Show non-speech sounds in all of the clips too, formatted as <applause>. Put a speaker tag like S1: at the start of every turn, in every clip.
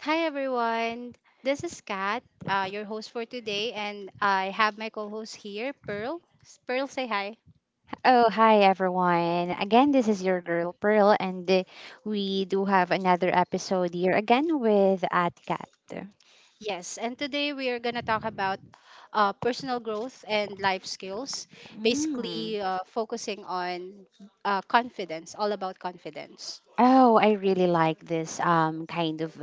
S1: Hi everyone, this is Kat, your host for today, and I have my co-host here, Pearl. Pearl, say hi.
S2: Oh, hi everyone. Again, this is your girl Pearl, and we do have another episode here again with Atcat.
S1: Yes, and today we are gonna talk about personal growth and life skills,
S2: Mm.
S1: basically focusing on confidence, all about confidence.
S2: Oh, I really like this kind of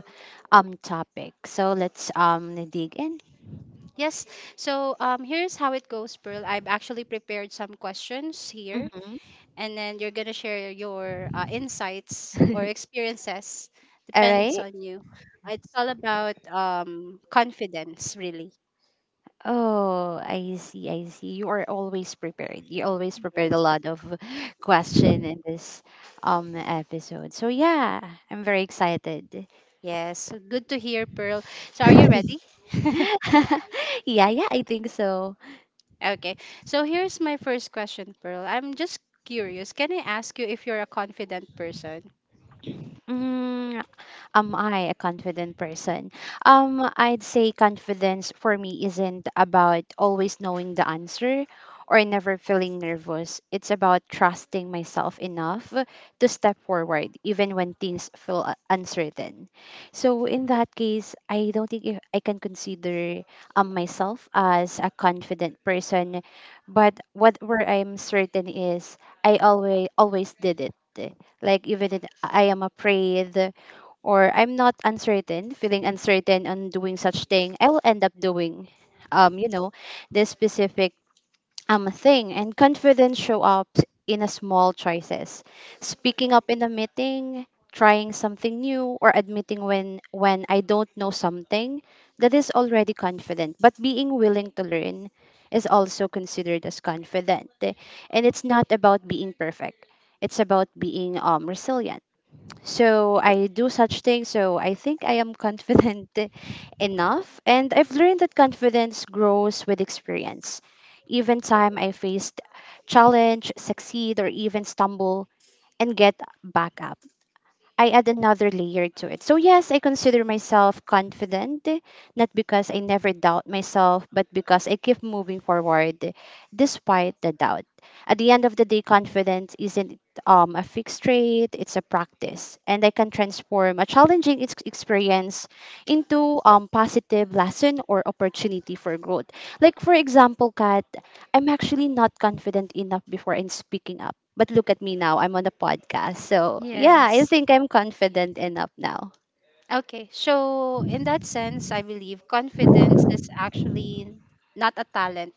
S2: topic. So let's dig in.
S1: Yes, so here's how it goes, Pearl. I've actually prepared some questions here,
S2: Mm-hmm.
S1: and then you're gonna share your insights or
S2: <laughs>
S1: experiences.
S2: All
S1: Depends
S2: right.
S1: on you. It's all about confidence, really.
S2: Oh, I see. I see. You are always prepared. You always prepared a
S1: Yes.
S2: lot of <laughs> question in this episode. So yeah, I'm very excited.
S1: Yes. So good to hear, Pearl. So, are you ready? <laughs>
S2: <laughs> Yeah, yeah, I think so.
S1: Okay. So, here's my first question, Pearl. I'm just curious. Can I ask you if you're a confident person?
S2: Mm, am I a confident person? I'd say confidence for me isn't about always knowing the answer or never feeling nervous. It's about trusting myself enough to step forward even when things feel uncertain. So in that case, I don't think if I can consider myself as a confident person, but what where I'm certain is I always did it. Like even if I am afraid, or I'm not uncertain, feeling uncertain on doing such thing, I will end up doing, um, you know, this specific thing. And confidence show up in a small choices, speaking up in a meeting, trying something new, or admitting when I don't know something. That is already confident, but being willing to learn is also considered as confident. And it's not about being perfect. It's about being resilient so I do such things. So I think I am confident <laughs> enough. And I've learned that confidence grows with experience. Even time I faced challenge, succeed, or even stumble and get back up. I add another layer to it. So, yes, I consider myself confident, not because I never doubt myself, but because I keep moving forward despite the doubt. At the end of the day, confidence isn't a fixed trait, it's a practice. And I can transform a challenging experience into positive lesson or opportunity for growth. Like, for example, Kat, I'm actually not confident enough before in speaking up. But look at me now. I'm on a podcast. So, yeah, I
S1: Yes.
S2: think I'm confident enough now.
S1: Okay, so in that sense, I believe confidence is actually not a talent.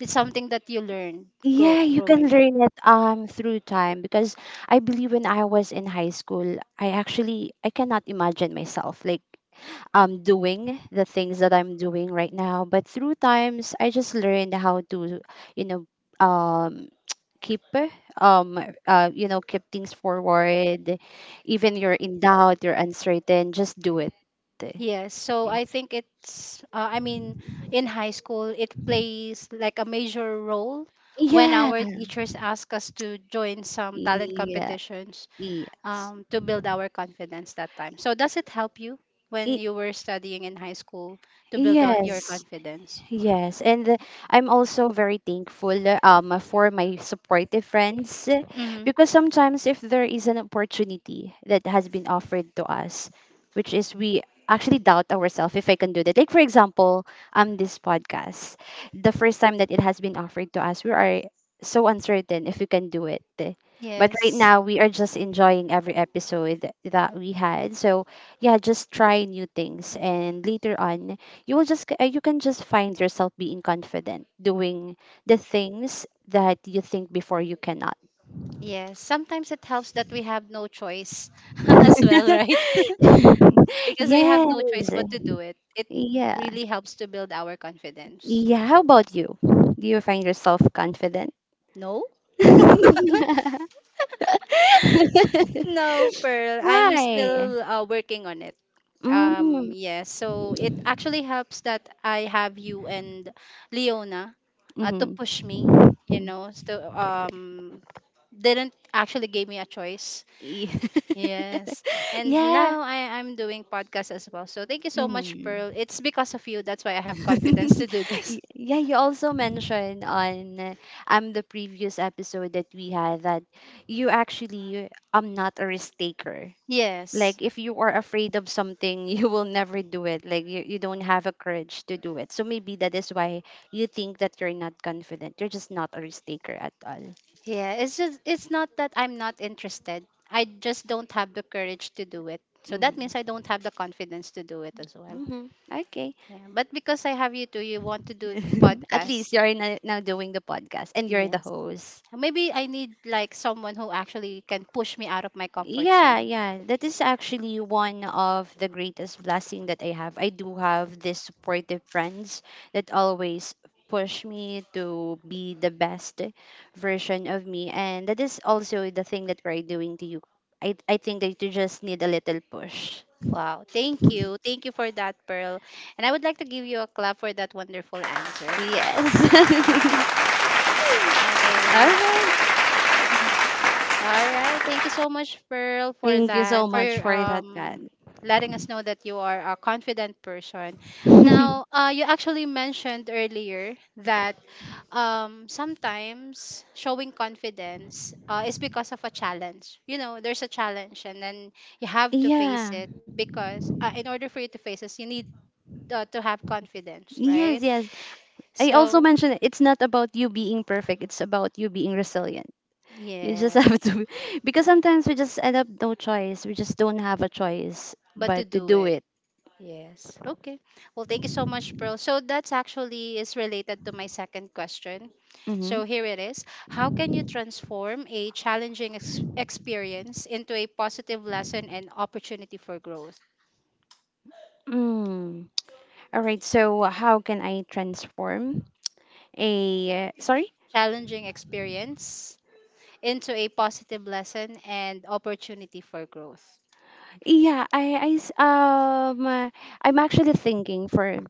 S1: It's something that you learn
S2: Yeah, you can
S1: growing up.
S2: learn it through time because I believe when I was in high school, I actually I cannot imagine myself like doing the things that I'm doing right now. But through times, I just learned how to, you know, um keep um keep things forward even you're in doubt you're uncertain just do it.
S1: Yes, so
S2: Yeah,
S1: I think it's, I mean, in high school, it plays like a major role when
S2: yeah,
S1: our teachers ask us to join some talent
S2: yeah.
S1: competitions
S2: Yes.
S1: to build our confidence that time. So, does it help you when
S2: Y-
S1: you were studying in high school to build out your
S2: yes.
S1: confidence?
S2: Yes, and I'm also very thankful for my supportive friends,
S1: Mm-hmm.
S2: because sometimes if there is an opportunity that has been offered to us, which is we actually doubt ourselves if I can do that. Like for example, this podcast, the first time that it has been offered to us, we are so uncertain if we can do it. But right
S1: Yes,
S2: now we are just enjoying every episode that we had. So yeah, just try new things and later on you will just you can just find yourself being confident doing the things that you think before you cannot.
S1: yes. Sometimes it helps that we have no choice <laughs> as well, right? <laughs>
S2: <laughs>
S1: Because we have
S2: Yes.
S1: no choice but to do it. It
S2: Yeah,
S1: really helps to build our confidence.
S2: yeah, how about you, do you find yourself confident?
S1: No?
S2: <laughs>
S1: No, Pearl. I'm
S2: Why?
S1: still working on it. Um,
S2: Mm-hmm.
S1: yes. So it actually helps that I have you and Leona to push me. You know, so didn't actually gave me a choice.
S2: <laughs>
S1: Yes. And
S2: Yeah.
S1: now I'm doing podcast as well. So thank you so much, Pearl.
S2: Mm-hmm.
S1: It's because of you. That's why I have confidence to
S2: <laughs>
S1: do this.
S2: Yeah, you also mentioned on the previous episode that we had that you actually am not a risk taker.
S1: <laughs> Yes.
S2: Like if you are afraid of something, <laughs> you will never do it. Like you don't have a courage to do it. So maybe that is why you think that you're not confident. You're just not a risk taker at all.
S1: Yeah, it's just it's not that I'm not interested. I just don't have the courage to do it. So that means I
S2: Mm-hmm.
S1: don't have the confidence to do it as well.
S2: Mm-hmm. Okay.
S1: Yeah, but because I have you too, you want to do
S2: <laughs> At least
S1: podcasts.
S2: you're now doing the podcast and you're the
S1: Yes.
S2: host.
S1: Maybe I need like someone who actually can push me out of my comfort
S2: Yeah,
S1: zone.
S2: yeah. That is actually one of the greatest blessing that I have. I do have these supportive friends that always push me to be the best version of me. And that is also the thing that we're doing to you. I think that you just need a little push.
S1: Wow, thank you. Thank you for that, Pearl. And I would like to give you a clap for that wonderful answer.
S2: Yes. <laughs> All
S1: Okay.
S2: right.
S1: All right. Thank you so much, Pearl, for
S2: Thank you
S1: that,
S2: so
S1: for
S2: much for that, Kat.
S1: letting us know that you are a confident person.
S2: <laughs>
S1: Now, you actually mentioned earlier that sometimes showing confidence is because of a challenge. You know, there's a challenge, and then you have to face
S2: Yeah.
S1: it because in order for you to face this, you need to have confidence,
S2: Yes,
S1: right?
S2: yes. I also
S1: So,
S2: mentioned it's not about you being perfect, it's about you being resilient. You just have
S1: yes,
S2: to, <laughs> because sometimes we just end up no choice. We just don't have a choice
S1: but to
S2: but to
S1: do
S2: do
S1: it.
S2: it.
S1: Yes. Okay. Well, thank you so much, Pearl. So that's actually is related to my second question.
S2: Mm-hmm.
S1: So here it is. How can you transform a experience into a positive lesson and opportunity for growth?
S2: Mm. All right. So how can I transform a sorry?
S1: Challenging experience into a positive lesson and opportunity for growth.
S2: Yeah, I'm actually thinking for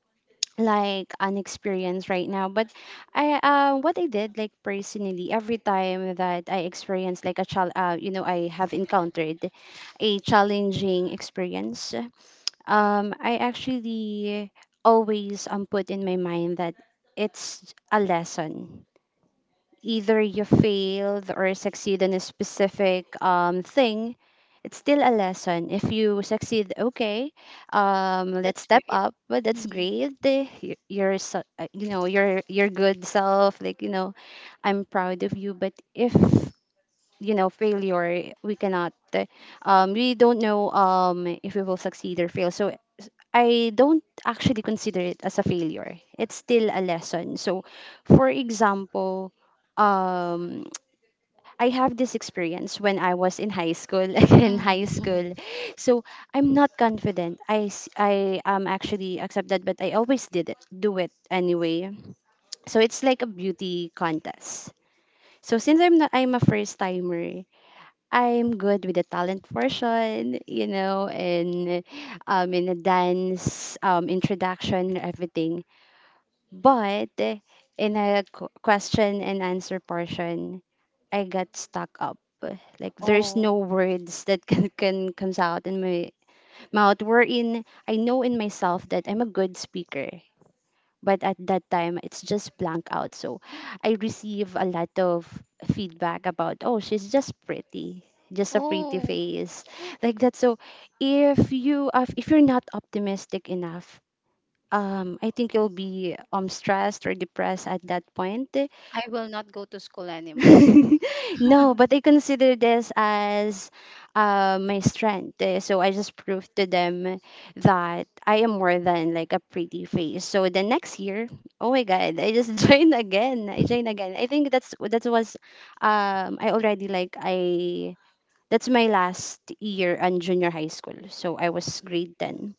S2: like an experience right now, but I what I did like personally every time that I experience like a chal you know I have encountered a challenging experience, I actually always, put in my mind that it's a lesson. Either you failed or succeed in a specific thing, it's still a lesson. If you succeed, okay, let's
S1: That's
S2: step
S1: great.
S2: up. But that's
S1: Mhm.
S2: great. You're, your good self. Like you know, I'm proud of you. But if you know failure, we cannot. We don't know if we will succeed or fail. So I don't actually consider it as a failure. It's still a lesson. So, for example, um, <tsk> I have this experience when I was in high school. <laughs> In
S1: Mhm.
S2: high
S1: <laughs>
S2: school, so I'm not confident. I am actually accepted, but I always did it, do it anyway. So it's like a beauty contest. So since I'm not, I'm a first timer, I'm good with the talent portion, you know, and in the dance introduction, everything. But in a question and answer portion, I got stuck up. Like there's no
S1: Oh.
S2: words that can comes out in my mouth. Wherein I know in myself that I'm a good speaker, but at that time it's just blank out. So I receive a lot of feedback about, oh, she's just pretty, just a pretty
S1: Oh.
S2: face, like that. So if you if you're not optimistic enough, I think you'll be stressed or depressed at that point.
S1: I will not go to school anymore.
S2: <laughs> No, but I consider this as, my strength. So I just proved to them that I am more than like a pretty face. So the next year, oh my god, I just <laughs> joined again. I joined again. I think that was I already like I that's my last year on junior high school. So I was grade 10.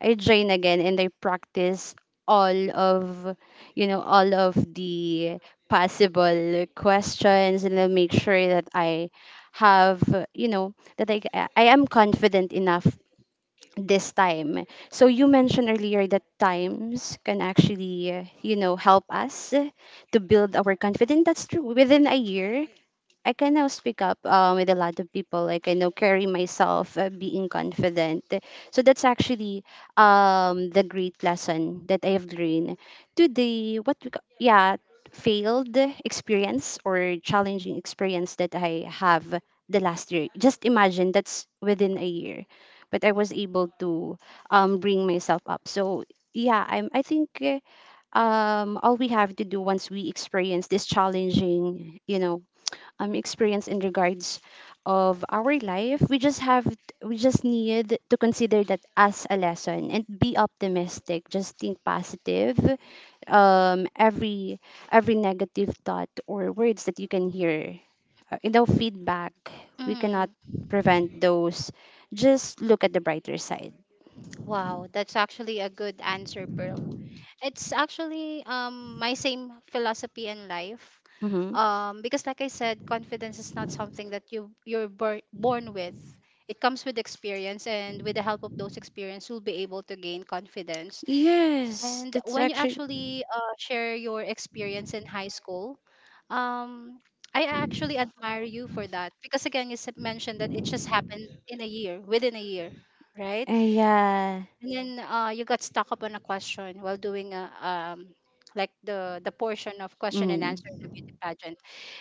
S2: I joined again and I practice all of, you know, all of the possible questions, and I make sure that I have you know that I am confident enough this time. So you mentioned earlier that times can actually, you know, help us to build our confidence. That's true. Within a year, I can now speak up with a lot of people. Like I know carry myself, being confident. So that's actually, the great lesson that I have learned to the what we yeah failed experience or challenging experience that I have the last year. Just imagine that's within a year, but I was able to, bring myself up. So yeah, I think, all we have to do once we experience this challenging, you know, experience in regards of our life, we just need to consider that as a lesson and be optimistic, just think positive. um every every negative thought or words that you can hear, you know, feedback, we cannot
S1: Mm.
S2: prevent those, just look at the brighter side.
S1: Wow, that's actually a good answer, Pearl. It's actually my same philosophy in life.
S2: Mm-hmm.
S1: Because like I said, confidence is not something that you're born with. It comes with experience, and with the help of those experience, you'll be able to gain confidence.
S2: Yes,
S1: And
S2: that's
S1: when you
S2: actually.
S1: actually share your experience in high school, um, I actually admire you for that because again, you mentioned that it just happened in a year, within a year, right?
S2: Yeah.
S1: And then you got stuck up on a question while doing a like the portion of question and
S2: Mm.
S1: answer in the beauty pageant,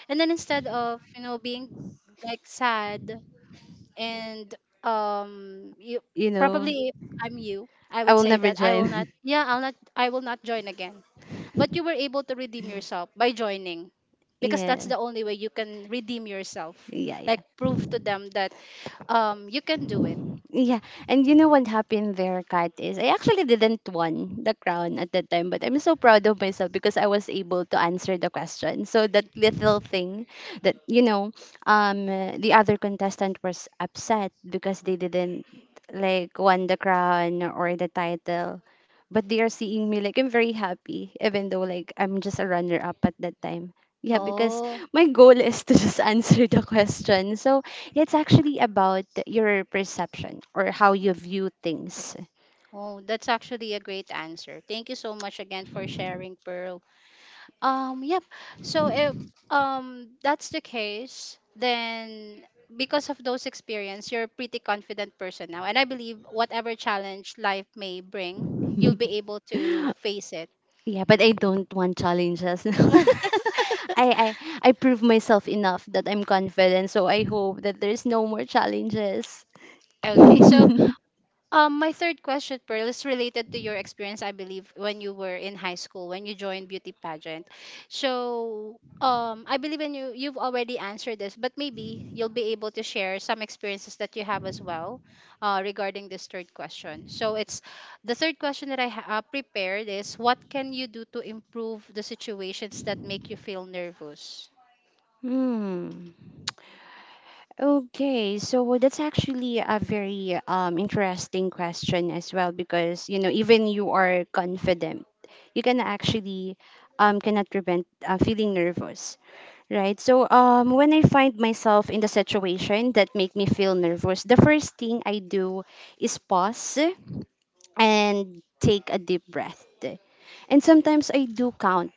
S1: and then instead of you know being like sad and you
S2: You know,
S1: probably if I'm you, I
S2: I
S1: would
S2: will
S1: say
S2: never
S1: that I
S2: join.
S1: will not. Yeah, I'll not. I will not join again, but you were able to redeem yourself by joining
S2: <laughs>
S1: because that's
S2: Yeah,
S1: the only way you can redeem yourself.
S2: yeah,
S1: Like
S2: yeah.
S1: prove to them that you can do it.
S2: Yeah, and you know what happened there, Kat, is I actually didn't won the crown at that time, but I'm so proud of myself because I was able to answer the question. So that little thing that, you know, um, the other contestant was upset because they didn't like won the crown or the title. But they are seeing me like I'm very happy, even though like I'm just a runner up at that time. Yeah, because
S1: Oh,
S2: my goal is to just <laughs> answer the question. So it's actually about your perception or how you view things.
S1: oh, that's actually a great answer. Thank you so much again for sharing, Pearl. Yep. So if that's the case, then because of those experience, you're a pretty confident person now, and I believe whatever challenge life may bring, you'll be
S2: <laughs>
S1: able to face it.
S2: Yeah, but I don't want challenges. <laughs>
S1: <laughs>
S2: I, I I prove myself enough that I'm confident, so I hope that there's no more challenges.
S1: Okay, so
S2: <laughs>
S1: um, my third question, Pearl, is related to your experience, I believe, when you were in high school, when you joined beauty pageant. So, I believe in you. You've already answered this, but maybe you'll be able to share some experiences that you have as well, regarding this third question. So, it's the third question that I prepared is, what can you do to improve the situations that make you feel nervous?
S2: Hmm. Okay, so that's actually a very interesting question as well because you know even you are confident, you can actually cannot prevent feeling nervous, right? So when I find myself in the situation that make me feel nervous, the first thing I do is pause and take a deep breath. And sometimes I do count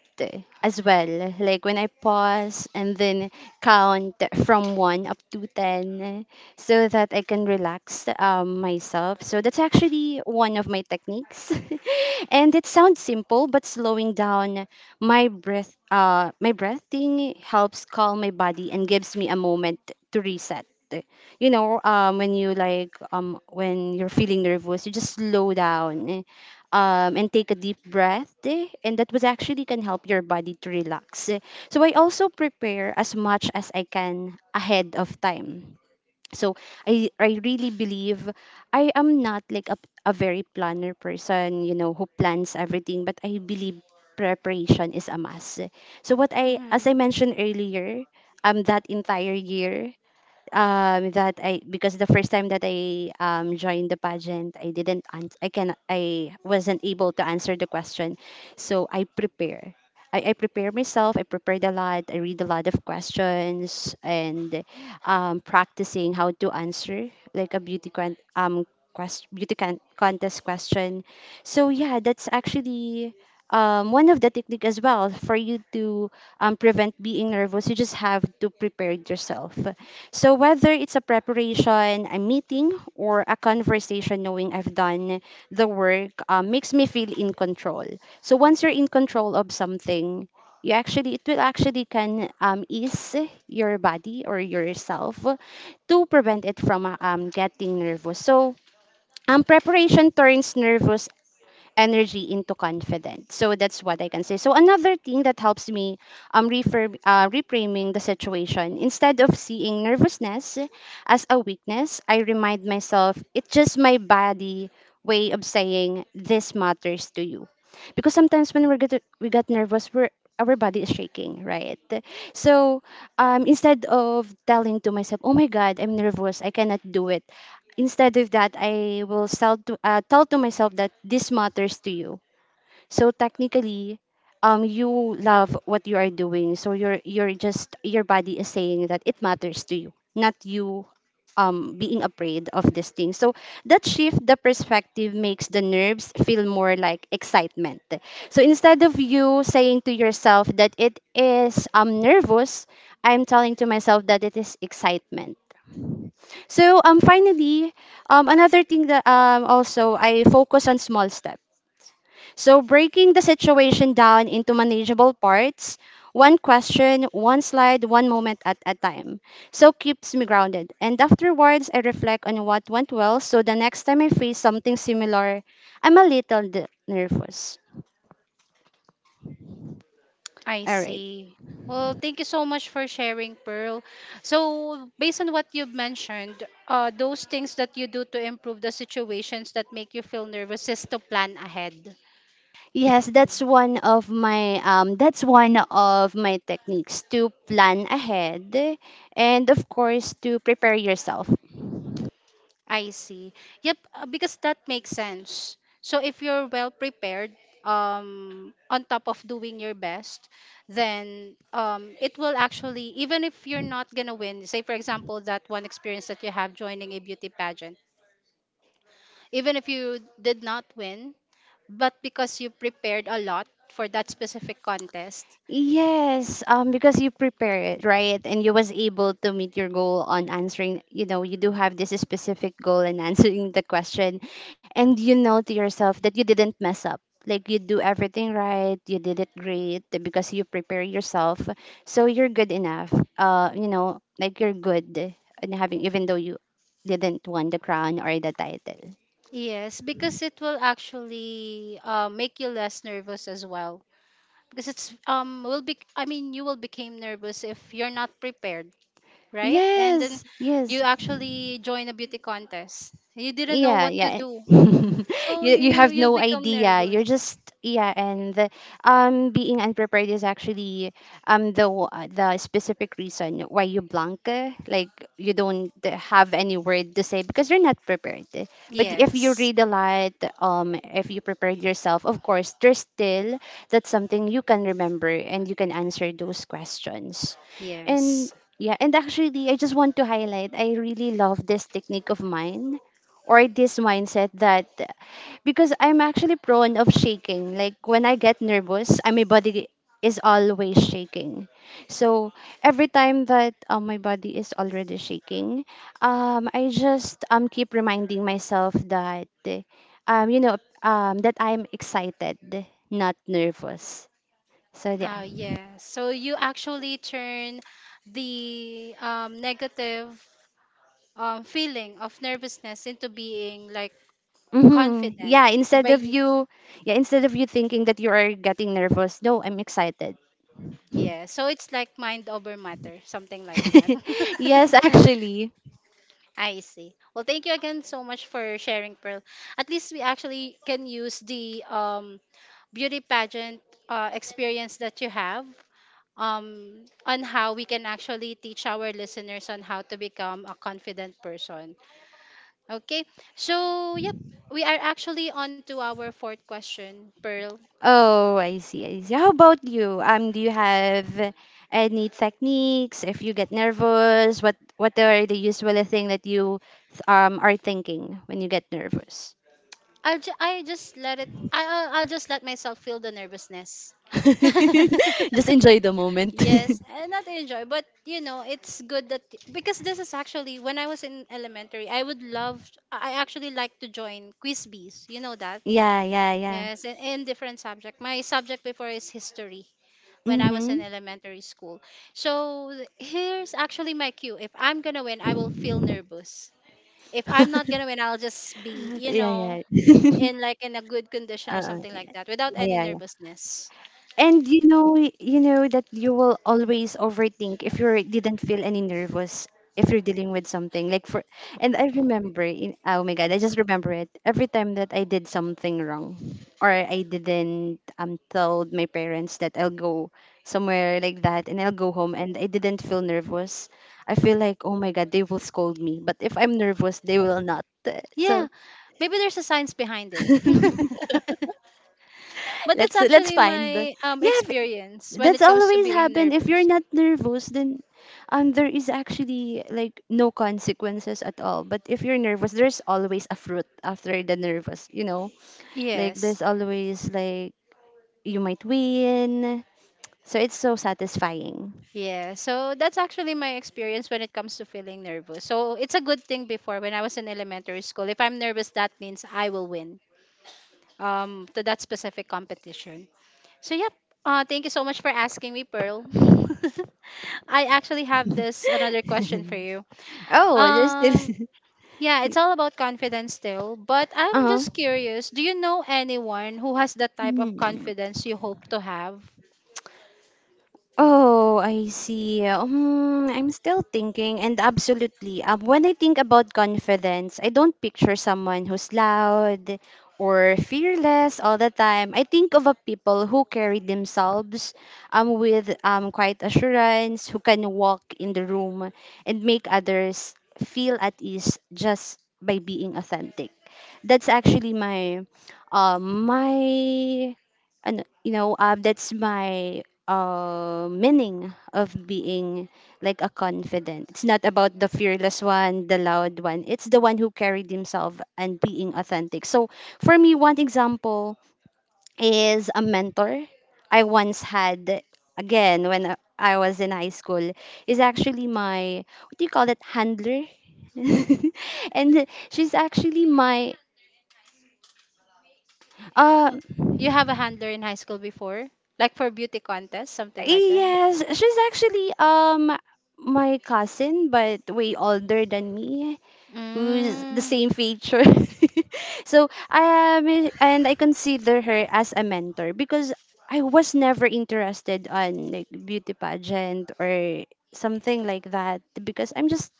S2: as well. Like when I pause and then count from 1 up to 10 so that I can relax myself. So that's actually one of my techniques. <laughs> And it sounds simple, but slowing down my breath my breathing helps calm my body and gives me a moment to reset. You know, when you when you're feeling nervous, you just slow down, and take a deep breath, and that was actually can help your body to relax, eh. So I also prepare as much as I can ahead of time. So I really believe, I am not like a very planner person, you know, who plans everything, but I believe preparation is a must. So what I as
S1: Mm-hmm.
S2: I mentioned earlier, that entire year, that I, because the first time that I joined the pageant, I didn't ans- I wasn't able to answer the question. So I prepare, I prepare myself, I prepared a lot, I read a lot of questions, and practicing how to answer like a beauty con- quest- beauty con- contest question. So yeah, that's actually one of the technique as well for you to prevent being nervous. You just have to prepare yourself. So whether it's a preparation, a meeting, or a conversation, knowing I've done the work makes me feel in control. So once you're in control of something, you actually, it will actually can ease your body or yourself to prevent it from getting nervous. So preparation turns nervous energy into confidence. So that's what I can say. So another thing that helps me reframe, reframing the situation, instead of seeing nervousness as a weakness, I remind myself it's just my body way of saying this matters to you. Because sometimes when we get nervous, we're our body is shaking, right? So instead of telling to myself, oh my God, I'm nervous, I cannot do it, instead of that, I will sell to, tell to myself that this matters to you. So technically, you love what you are doing. So you're just your body is saying that it matters to you, not you being afraid of this thing. So that shift the perspective makes the nerves feel more like excitement. So instead of you saying to yourself that it is nervous, I'm telling to myself that it is excitement. So finally, another thing that also, I focus on small step. So breaking the situation down into manageable parts, one question, one slide, one moment at a time. So keeps me grounded. And afterwards I reflect on what went well, so the next time I face something similar, I'm a little nervous.
S1: I
S2: All right.
S1: see. Well, thank you so much for sharing, Pearl. So, based on what you've mentioned, those things that you do to improve the situations that make you feel nervous is to plan ahead.
S2: Yes, that's one of my that's one of my techniques, to plan ahead and of course to prepare yourself.
S1: I see. Yep, because that makes sense. So if you're well prepared, on top of doing your best, then it will actually, even if you're not gonna win, say for example that one experience that you have joining a beauty pageant, even if you did not win, but because you prepared a lot for that specific contest.
S2: Yes, because you prepare it, right? And you was able to meet your goal on answering, you know, you do have this specific goal in <laughs> answering the question. And you know to yourself that you didn't mess up. Like you do everything right, you did it great, eh, because you prepare yourself. So you're good enough. You know, like you're good in having, even though you didn't won the crown or the title.
S1: Yes, because it will actually make you less nervous as well. Because it's will be I mean you will become nervous if you're not prepared, right? And then
S2: Yes,
S1: you
S2: yes.
S1: actually join a beauty contest. You didn't know
S2: Yeah,
S1: what to
S2: yeah.
S1: do,
S2: <laughs> You
S1: so you
S2: have
S1: you
S2: no
S1: become
S2: idea. You're
S1: nervous.
S2: just, yeah, and being unprepared is actually the the specific reason why you blank, like you don't have any word to say because you're not prepared. But if you
S1: Yes,
S2: read a lot, if you prepared yourself, of course, there's still that's something you can remember and you can answer those questions, and.
S1: yes,
S2: Yeah, and actually, I just want to highlight, I really love this technique of mine or this mindset that, because I'm actually prone of shaking. Like when I get nervous, my body is always shaking. So every time that my body is already shaking, I just keep reminding myself that um you know that I'm excited, not nervous. So yeah.
S1: yes. So you actually turn the negative feeling of nervousness into being like
S2: Mm-hmm.
S1: confident. So by you,
S2: Yeah, instead of you thinking that you are getting nervous, no, I'm excited.
S1: yeah, so it's like mind over matter, something like that.
S2: <laughs> Yes,
S1: <laughs>
S2: actually.
S1: I see. Well, thank you again so much for sharing, Pearl. At least we actually can use the beauty pageant experience that you have on how we can actually teach our listeners on how to become a confident person. Okay, so yep, we are actually on to our fourth question, Pearl.
S2: Oh, I see, I see. How about you? Do you have any techniques if you get nervous? What are the usual thing that you are thinking when you get nervous?
S1: I just let it. I'll just let myself feel the nervousness. <laughs>
S2: <laughs> Just enjoy the moment.
S1: Yes, and not enjoy, but you know, it's good that because this is actually when I was in elementary, I would love, I actually like to join quiz bees. You know that?
S2: <laughs> Yeah, yeah, yeah.
S1: Yes, in different subject. My subject before is history when I was in
S2: Mhm.
S1: elementary school. So here's actually my cue. If I'm gonna win, I will feel nervous. If I'm not gonna
S2: <laughs>
S1: win, I'll just be, you know,
S2: Yeah, yeah. <laughs>
S1: in like in a good condition or something like that without any
S2: Yeah, yeah,
S1: nervousness.
S2: and you know that you will always overthink if you didn't feel any nervous, if you're dealing with something like for. And I remember, in, oh my god, I just remember it. Every time that I did something wrong, or I didn't told my parents that I'll go somewhere like that and I'll go home, and I didn't feel nervous. I feel like oh my god, they will scold me. But if I'm nervous, they will not.
S1: Yeah,
S2: So
S1: maybe there's a science behind it.
S2: <laughs>
S1: <laughs> But that's
S2: let's
S1: actually
S2: find.
S1: my
S2: Yeah,
S1: experience when
S2: that's
S1: it comes to
S2: always
S1: being
S2: happen. If you're
S1: nervous.
S2: not nervous, then there is actually like no consequences at all, but if you're nervous, there's always a fruit after the nervous, you know, like
S1: Yes.
S2: there's always like you might win, so it's so satisfying.
S1: Yeah. So that's actually my experience when it comes to feeling nervous. So it's a good thing before when I was in elementary school. If I'm nervous, that means I will win to that specific competition. So yep. Thank you so much for asking me, Pearl. <laughs> I actually have this another question for
S2: <laughs>
S1: you.
S2: Oh, there's this.
S1: Um, yeah, it's all about confidence still, but
S2: <laughs>
S1: I'm
S2: Uh-huh.
S1: just curious, do you know anyone who has the type of
S2: Hmm.
S1: confidence you hope to have?
S2: Oh, I see. Hmm, I'm still thinking, and absolutely. When I think about confidence, I don't picture someone who's loud or fearless all the time. I think of a people who carry themselves, with quiet assurance, who can walk in the room and make others feel at ease just by being authentic. That's actually my um my and you know, that's my meaning of being like a confident. It's not about the fearless one, the loud one, it's the one who carried himself and being authentic. So for me, one example is a mentor I once had again when I was in high school, is actually my, what do you call it, handler. <laughs> And she's actually my uh
S1: Uh, You have a handler in high school before? Like for beauty contest, something like that?
S2: yes, she's actually my cousin, but way older than me, who's the
S1: Mm,
S2: same feature. <laughs> So I am, and I consider her as a mentor because I was never interested on like beauty pageant or something like that, because I'm just,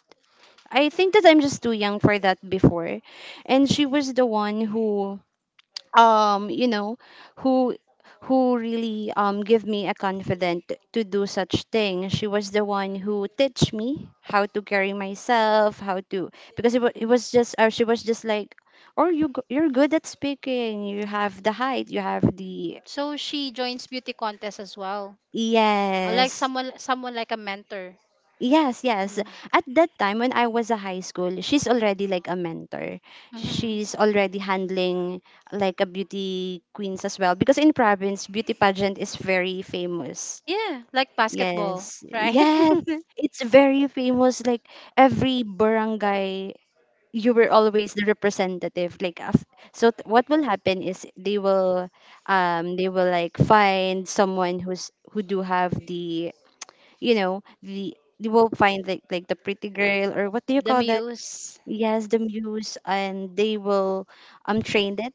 S2: I think that I'm just too young for that before, and she was the one who um you know who who really give me a confident to do such thing. She was the one who teach me how to carry myself, how to, because it was just, or she was just like, oh, you're good at speaking, you have the height, you have the,
S1: so she joins beauty contest as well. Like
S2: yes.
S1: someone like a mentor.
S2: Yes, yes.
S1: Mm.
S2: At that time when I was a high school, she's already like a mentor.
S1: Hmm.
S2: She's already handling like a beauty queens as well, because in province beauty pageant is very famous.
S1: Yeah, like basketball,
S2: Yes.
S1: right?
S2: Yes.
S1: <laughs>
S2: It's very famous, like every barangay, you were always the representative, what will happen is they will like find someone who's who do have the, you know, the, they will find like the pretty girl, or what do you
S1: The
S2: call that,
S1: muse.
S2: yes, the muse, and they will train it,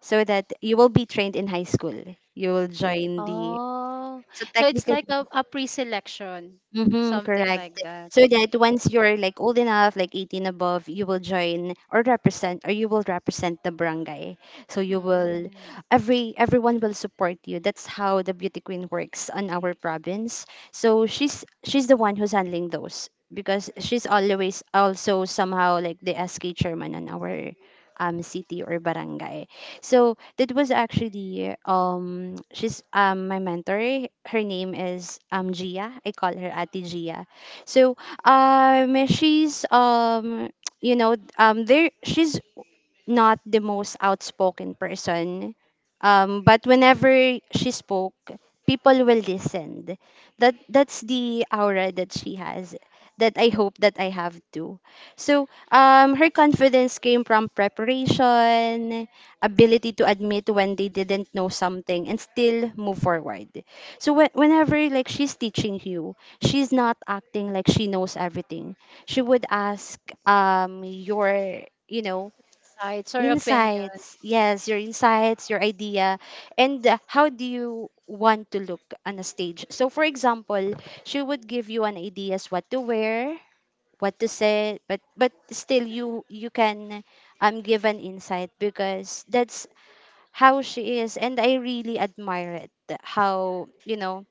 S2: so that you will be trained in high school, you will join the,
S1: Oh,
S2: so
S1: so it's
S2: technically,
S1: like a pre-selection,
S2: mm-hmm,
S1: something
S2: correct.
S1: like that.
S2: So that once you're like old enough, like 18 above, you will join or represent, or you will represent the barangay. So you will,
S1: Mm.
S2: everyone will support you. That's how the beauty queen works on our province. So she's the one who's handling those, because she's always also somehow like the SK chairman on our city or barangay. So that was actually she's my mentor. Her name is Gia. I call her Ati Gia. So she's <tsk> you know, there she's not the most outspoken person. But whenever she spoke, people will listen. That's the aura that she has, that I hope that I have too. So her confidence came from preparation, ability to admit when they didn't know something, and still move forward. So whenever like she's teaching you, she's not acting like she knows everything. She would ask your, you know,
S1: Sides or opinions.
S2: insights. Yes, your insights, your idea, and how do you want to look on a stage. So for example, she would give you an ideas what to wear, what to say, but still you, you can give an insight, because that's how she is, and I really admire it, how you know,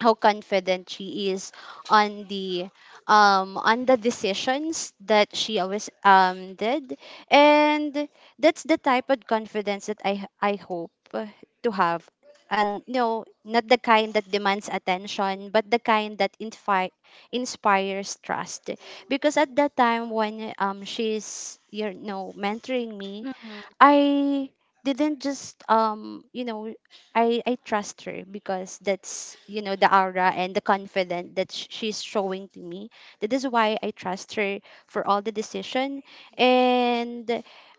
S2: how confident she is on the on the decisions that she always did, and that's the type of confidence that I hope to have, and no, not the kind that demands attention, but the kind that inspires trust. Because at that time when she's you know mentoring me,
S1: Hmm.
S2: I didn't just I trust her, because that's, you know, the aura and the confidence that she's showing to me. That is why I trust her for all the decision, and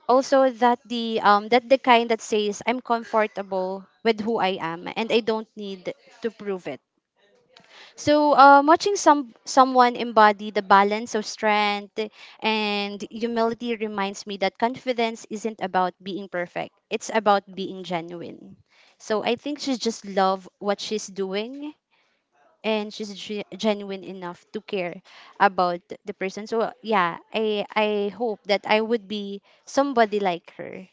S2: also that the kind that says I'm comfortable with who I am and I don't need to prove it. So, watching someone embody the balance of strength and humility reminds me that confidence isn't about being perfect; it's about being genuine. So, I think she just love what she's doing, and she's genuine enough to care about the person. So, yeah, I hope that I would be somebody like her.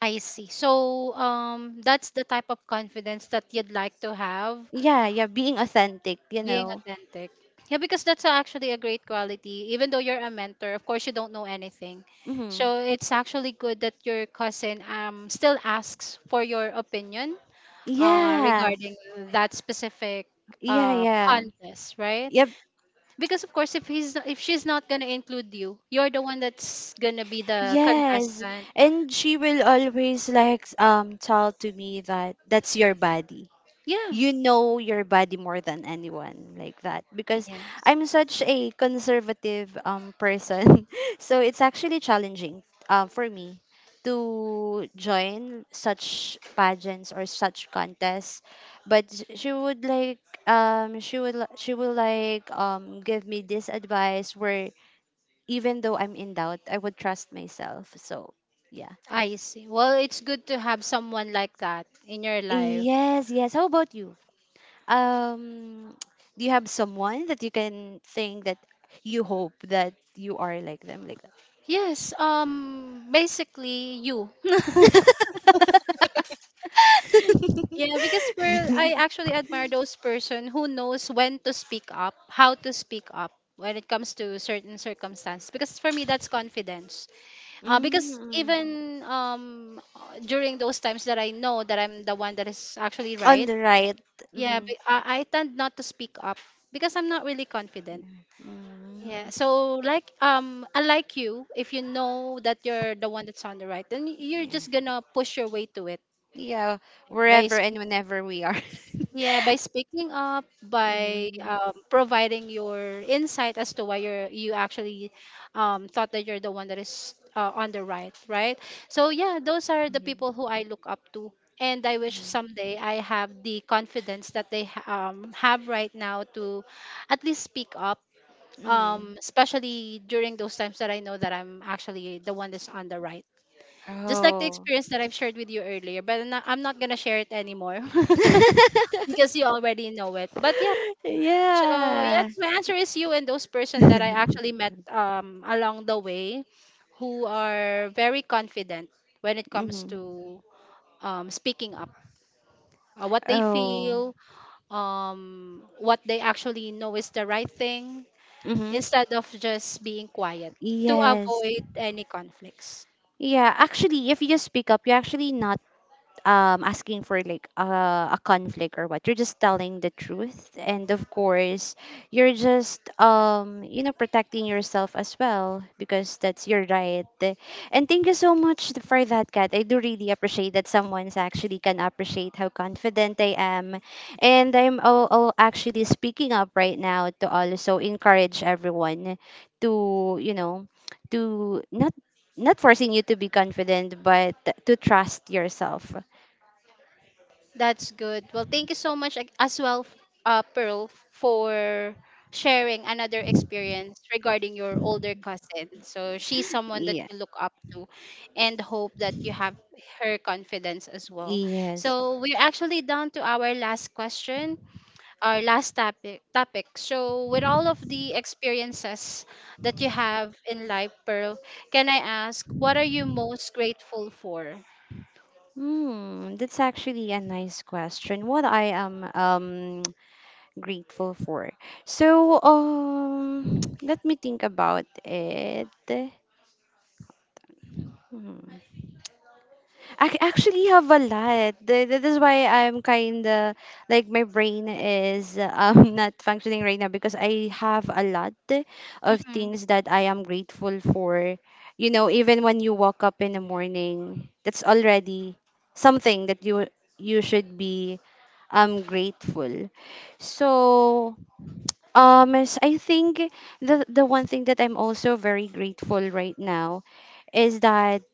S1: I see. So, that's the type of confidence that you'd like to have,
S2: Yeah, yeah, being authentic, you
S1: being
S2: know.
S1: authentic. Yeah, because that's actually a great quality. Even though you're a mentor, of course you don't know anything.
S2: Hmm.
S1: So it's actually good that your cousin still asks for your opinion
S2: Yeah,
S1: regarding that specific
S2: yeah, yeah.
S1: contest, right?
S2: Yeah.
S1: Because of course, if he's if she's not gonna include you, you're the one that's gonna be the
S2: Yes,
S1: contestant.
S2: and she will always like tell to me that that's your body.
S1: Yeah.
S2: You know your body more than anyone like that because
S1: Yes.
S2: I'm such a conservative person. <laughs> So it's actually challenging for me to join such pageants or such contests. But she would like she would li- she would like give me this advice where, even though I'm in doubt, I would trust myself. So, yeah.
S1: I see. Well, it's good to have someone like that in your life.
S2: Yes, yes. How about you? Um, <tsk> do you have someone that you can think that you hope that you are like them, like that?
S1: Yes. Basically, you. <laughs>
S2: <laughs>
S1: Yeah, because Pearl, I actually admire those person who knows when to speak up, how to speak up when it comes to certain circumstance. Because for me, that's confidence. Because
S2: Mm.
S1: even during those times that I know that I'm the one that is actually
S2: On
S1: right,
S2: the right.
S1: yeah,
S2: Mm-hmm.
S1: but I tend not to speak up because I'm not really confident. Yeah.
S2: Mm.
S1: So like unlike you, if you know that you're the one that's on the right, then
S2: Yeah.
S1: you're
S2: Mm-hmm.
S1: just gonna push your way to it
S2: Yeah,
S1: by
S2: wherever and
S1: speaking.
S2: whenever we are. <laughs>
S1: Yeah, by speaking up, by
S2: Mm-hmm.
S1: providing your insight as to why you actually thought that you're the one that is on the right, right? So yeah, those are the
S2: Mm-hmm.
S1: people who I look up to, and I wish someday I have the confidence that they have right now to at least speak up,
S2: Mm-hmm.
S1: especially during those times that I know that I'm actually the one that's on the right. Just like the
S2: Oh.
S1: experience that I've shared with you earlier, but I'm not gonna share it anymore. <laughs> Because you already know it. But yeah,
S2: <laughs>
S1: so yeah,
S2: Yeah.
S1: my answer is you and those person that I
S2: <laughs>
S1: actually met along the way, who are very confident when it comes
S2: Mm-hmm.
S1: to speaking up, what they
S2: Oh.
S1: feel, what they actually know is the right thing,
S2: Mm-hmm.
S1: instead of just being quiet to
S2: Yes.
S1: avoid any conflicts.
S2: Yeah, actually, if you speak up, you're actually not asking for like a conflict or what, you're just telling the truth, and of course you're just protecting yourself as well because that's your right. And thank you so much for that, Kat. I do really appreciate that someone's actually can appreciate how confident I am, and I'm all actually speaking up right now to also encourage everyone to to not, not forcing you to be confident but to trust yourself.
S1: That's good. Well, thank you so much as well, Pearl, for sharing another experience regarding your older cousin. So she's someone that
S2: Yeah,
S1: you look up to and hope that you have her confidence as well.
S2: yes.
S1: So we're actually down to our last question, our last topic. So with all of the experiences that you have in life, Pearl, can I ask what are you most grateful for?
S2: Hmm, that's actually a nice question. What I am <tsk> grateful for. So, <tsk> let me think about it. Hmm. I actually have a lot. That is why I'm kind of like my brain is <laughs> not functioning right now because I have a lot of
S1: Mhm.
S2: things that I am grateful for. You know, even when you wake up in the morning, that's already something that you should be grateful. So, yes, I think the one thing that I'm also very grateful right now is that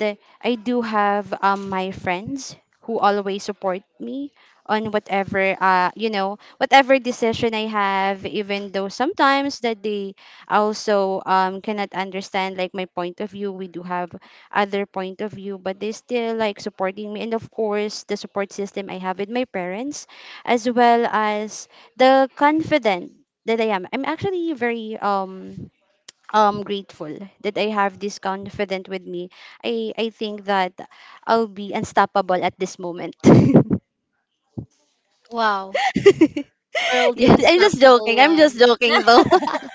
S2: I do have my friends who always support me on whatever you know whatever decision I have, even though sometimes that they also cannot understand like my point of view. We do have other point of view, but they still like supporting me, and of course the support system I have with my parents, as well as the confident that I am. I'm actually very grateful that I have this confident with me. I think that I'll be unstoppable at this moment. <laughs> <laughs>
S1: Wow. Pearl the
S2: Yes, I'm just joking.
S1: Unstoppable
S2: I'm just
S1: One,
S2: joking though. <laughs>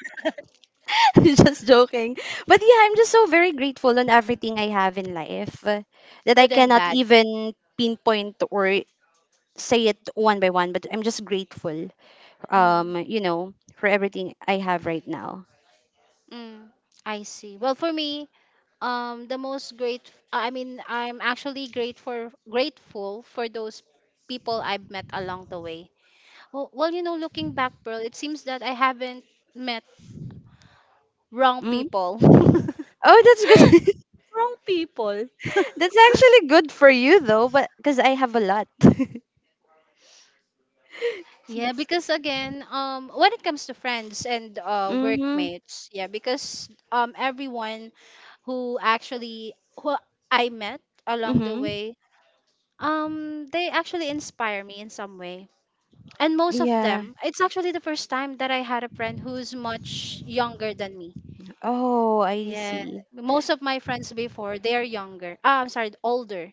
S2: I'm just joking. But yeah, I'm just so very grateful on everything I have in life, that I
S1: good and
S2: cannot
S1: bad.
S2: even pinpoint or say it one by one, but I'm just grateful,
S1: Mm,
S2: for everything I have right now.
S1: mm, I see. Well, for me, the most great. I mean, I'm actually grateful for those people I've met along the way. Well, well, you know, looking back, Pearl, it seems that I haven't met wrong
S2: Mm?
S1: people. <laughs>
S2: Oh, that's good. <laughs>
S1: Wrong people.
S2: That's actually good for you though, but because I have a lot. <laughs>
S1: Yeah, because again, when it comes to friends and
S2: Mhm.
S1: workmates, yeah, because everyone who I met along the
S2: Mhm.
S1: way, they actually inspire me in some way. And most of
S2: Yeah.
S1: them, it's actually the first time that I had a friend who's much younger than me.
S2: Oh, I
S1: Yeah,
S2: see.
S1: most of my friends before they are younger. Ah, I'm sorry, older.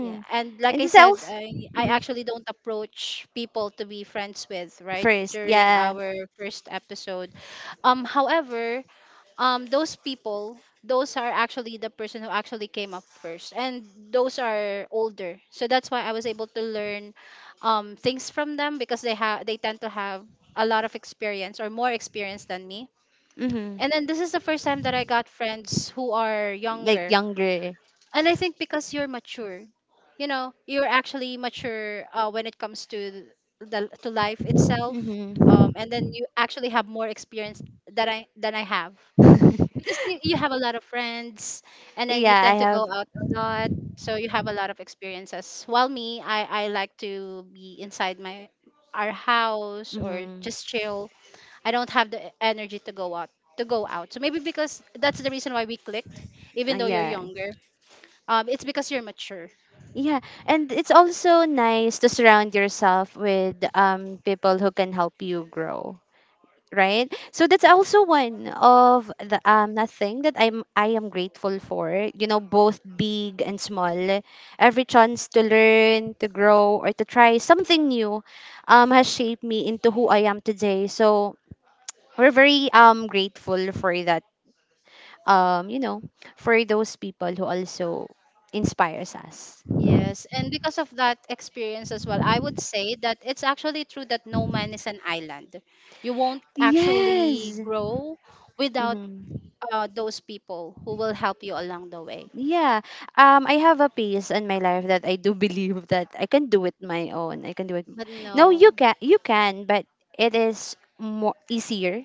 S1: Yeah, and like
S2: And
S1: I
S2: this
S1: said,
S2: else
S1: I
S2: hmm
S1: actually don't approach people to be friends with, right?
S2: First,
S1: During
S2: yeah.
S1: our first episode. However, those people, those are actually the person who actually came up first and those are older. So that's why I was able to learn things from them because they tend to have a lot of experience or more experience than me.
S2: Mhm.
S1: And then this is the first time that I got friends who are
S2: Like
S1: younger
S2: younger.
S1: and I think because you're mature, you know, you're actually mature when it comes to the to life itself,
S2: Mhm.
S1: and then you actually have more experience than I have because
S2: <laughs>
S1: you have a lot of friends, and then you
S2: Yeah, I
S1: tend to go
S2: have.
S1: out a lot, so you have a lot of experiences. While me, I like to be inside my our house or
S2: Mhm.
S1: just chill. I don't have the energy to go out. So maybe because that's the reason why we clicked, even though you're
S2: Yeah.
S1: younger it's because you're mature.
S2: Yeah, and it's also nice to surround yourself with people who can help you grow. Right, so that's also one of the a thing that I am grateful for, you know, both big and small. Every chance to learn, to grow, or to try something new has shaped me into who I am today. So we're very grateful for that, um you know for those people who also inspires us.
S1: Yes, and because of that experience as well, I would say that it's actually true that no man is an island. You won't actually
S2: Yes.
S1: grow without
S2: Hmm.
S1: those people who will help you along the way.
S2: Yeah. I have a piece in my life that I do <laughs> believe that I can do it my own. I can do it.
S1: But
S2: No,
S1: no,
S2: you can. You can, but it is more easier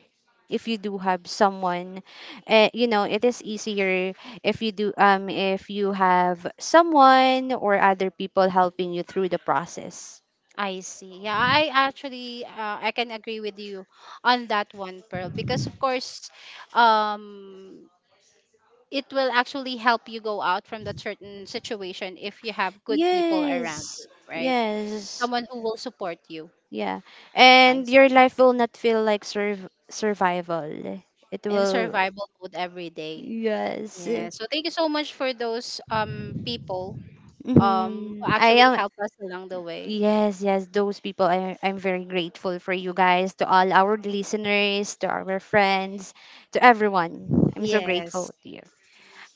S2: if you do have someone. You know, it is easier if you do. If you have someone or other people helping you through the process.
S1: I see. Yeah, I actually I can agree with you on that one, Pearl, because of course, um, it will actually help you go out from that certain situation if you have good people around
S2: Yes.
S1: you, right?
S2: Yes.
S1: Someone who will support you.
S2: Yeah.
S1: I
S2: And
S1: see.
S2: your life will not feel like survival. It
S1: In
S2: will.
S1: survival mode every day.
S2: Yes.
S1: Yeah. So thank you so much for those people who
S2: Mm-hmm. I
S1: actually
S2: am
S1: helped us along the way.
S2: yes, yes, those people, I'm very grateful for you guys, to all our listeners, to our friends, to everyone. I'm so
S1: Yes.
S2: grateful to you.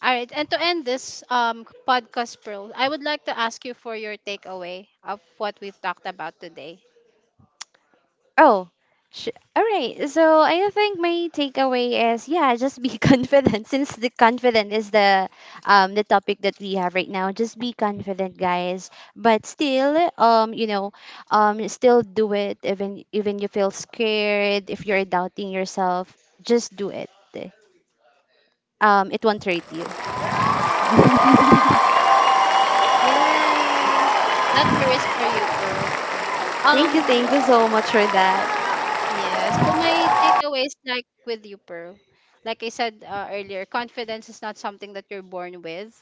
S1: All right. And to end this podcast, Pearl, I would like to ask you for your takeaway of what we've talked about today.
S2: Oh, sh- all right. So I think my takeaway is, yeah, just be <laughs> confident. Since the confident is the topic that we have right now, just be confident, guys. But still, still do it even, even you feel scared. If you're doubting yourself, just do it. It won't hurt you. <laughs>
S1: Yes. That curious for you, Pearl.
S2: Thank you, thank you so
S1: Um,
S2: much for that.
S1: Yeah. So my takeaway is like with you, Pearl, like I said earlier, confidence is not something that you're born with.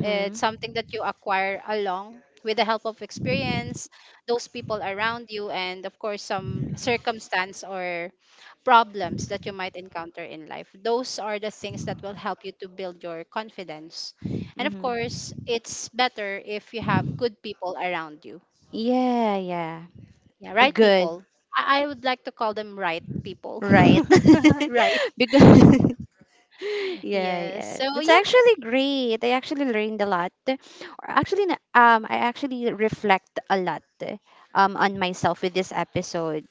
S1: It's something that you acquire along with the help of experience, those people around you, and of course some circumstance or problems that you might encounter in life. Those are the things that will help you to build your confidence. And of
S2: Mm-hmm.
S1: course, it's better if you have good people around you.
S2: Yeah, yeah.
S1: Yeah, right
S2: Good.
S1: people. I would like to call them right people
S2: Right.
S1: <laughs> right.
S2: <laughs> Because <laughs> yeah,
S1: Yes.
S2: yeah.
S1: So
S2: That's
S1: yeah,
S2: actually great. I actually learned a lot. Or actually, I actually reflect a lot on myself with this episode.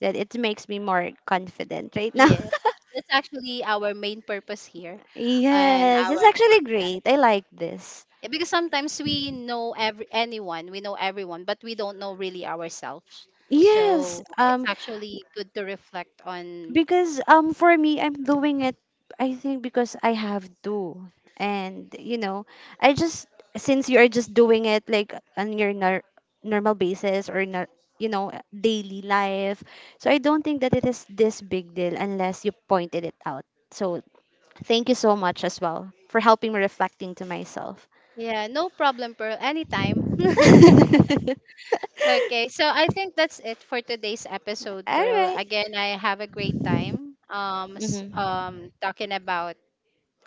S2: That it makes me more confident right now.
S1: yeah. That's actually our main purpose here
S2: <laughs>
S1: and
S2: Yes, it's
S1: our
S2: actually
S1: podcast.
S2: great. I like this.
S1: Eh, because sometimes we know everyone, but we don't know really ourselves.
S2: Yes,
S1: So it's actually good to reflect on.
S2: because for me I'm doing it, I think because I have to. And you know, I just, since you are just doing it like on your normal basis or daily life, so I don't think that it is this big deal unless you pointed it out. So thank you so much as well for helping me reflecting to myself.
S1: Yeah, no problem, Pearl. Anytime.
S2: <laughs>
S1: <laughs>
S2: All
S1: Okay, so I think that's it for today's episode, Pearl.
S2: right.
S1: Again, I have a great time
S2: Mm-hmm.
S1: talking about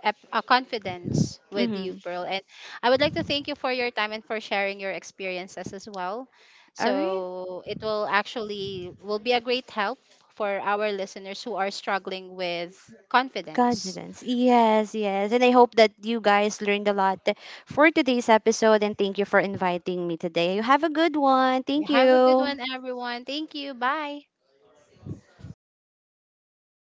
S1: confidence with you,
S2: Mm-hmm.
S1: Pearl. And I would like to thank you for your time and for sharing your experiences as well.
S2: All right.
S1: So it will actually will be a great help for our listeners who are struggling with confidence.
S2: Confidence. Yes, yes. And I hope that you guys learned a lot for today's episode. And thank you for inviting me today. You have a good one.
S1: You
S2: Thank
S1: have a good
S2: you.
S1: one, everyone. Thank you. Bye.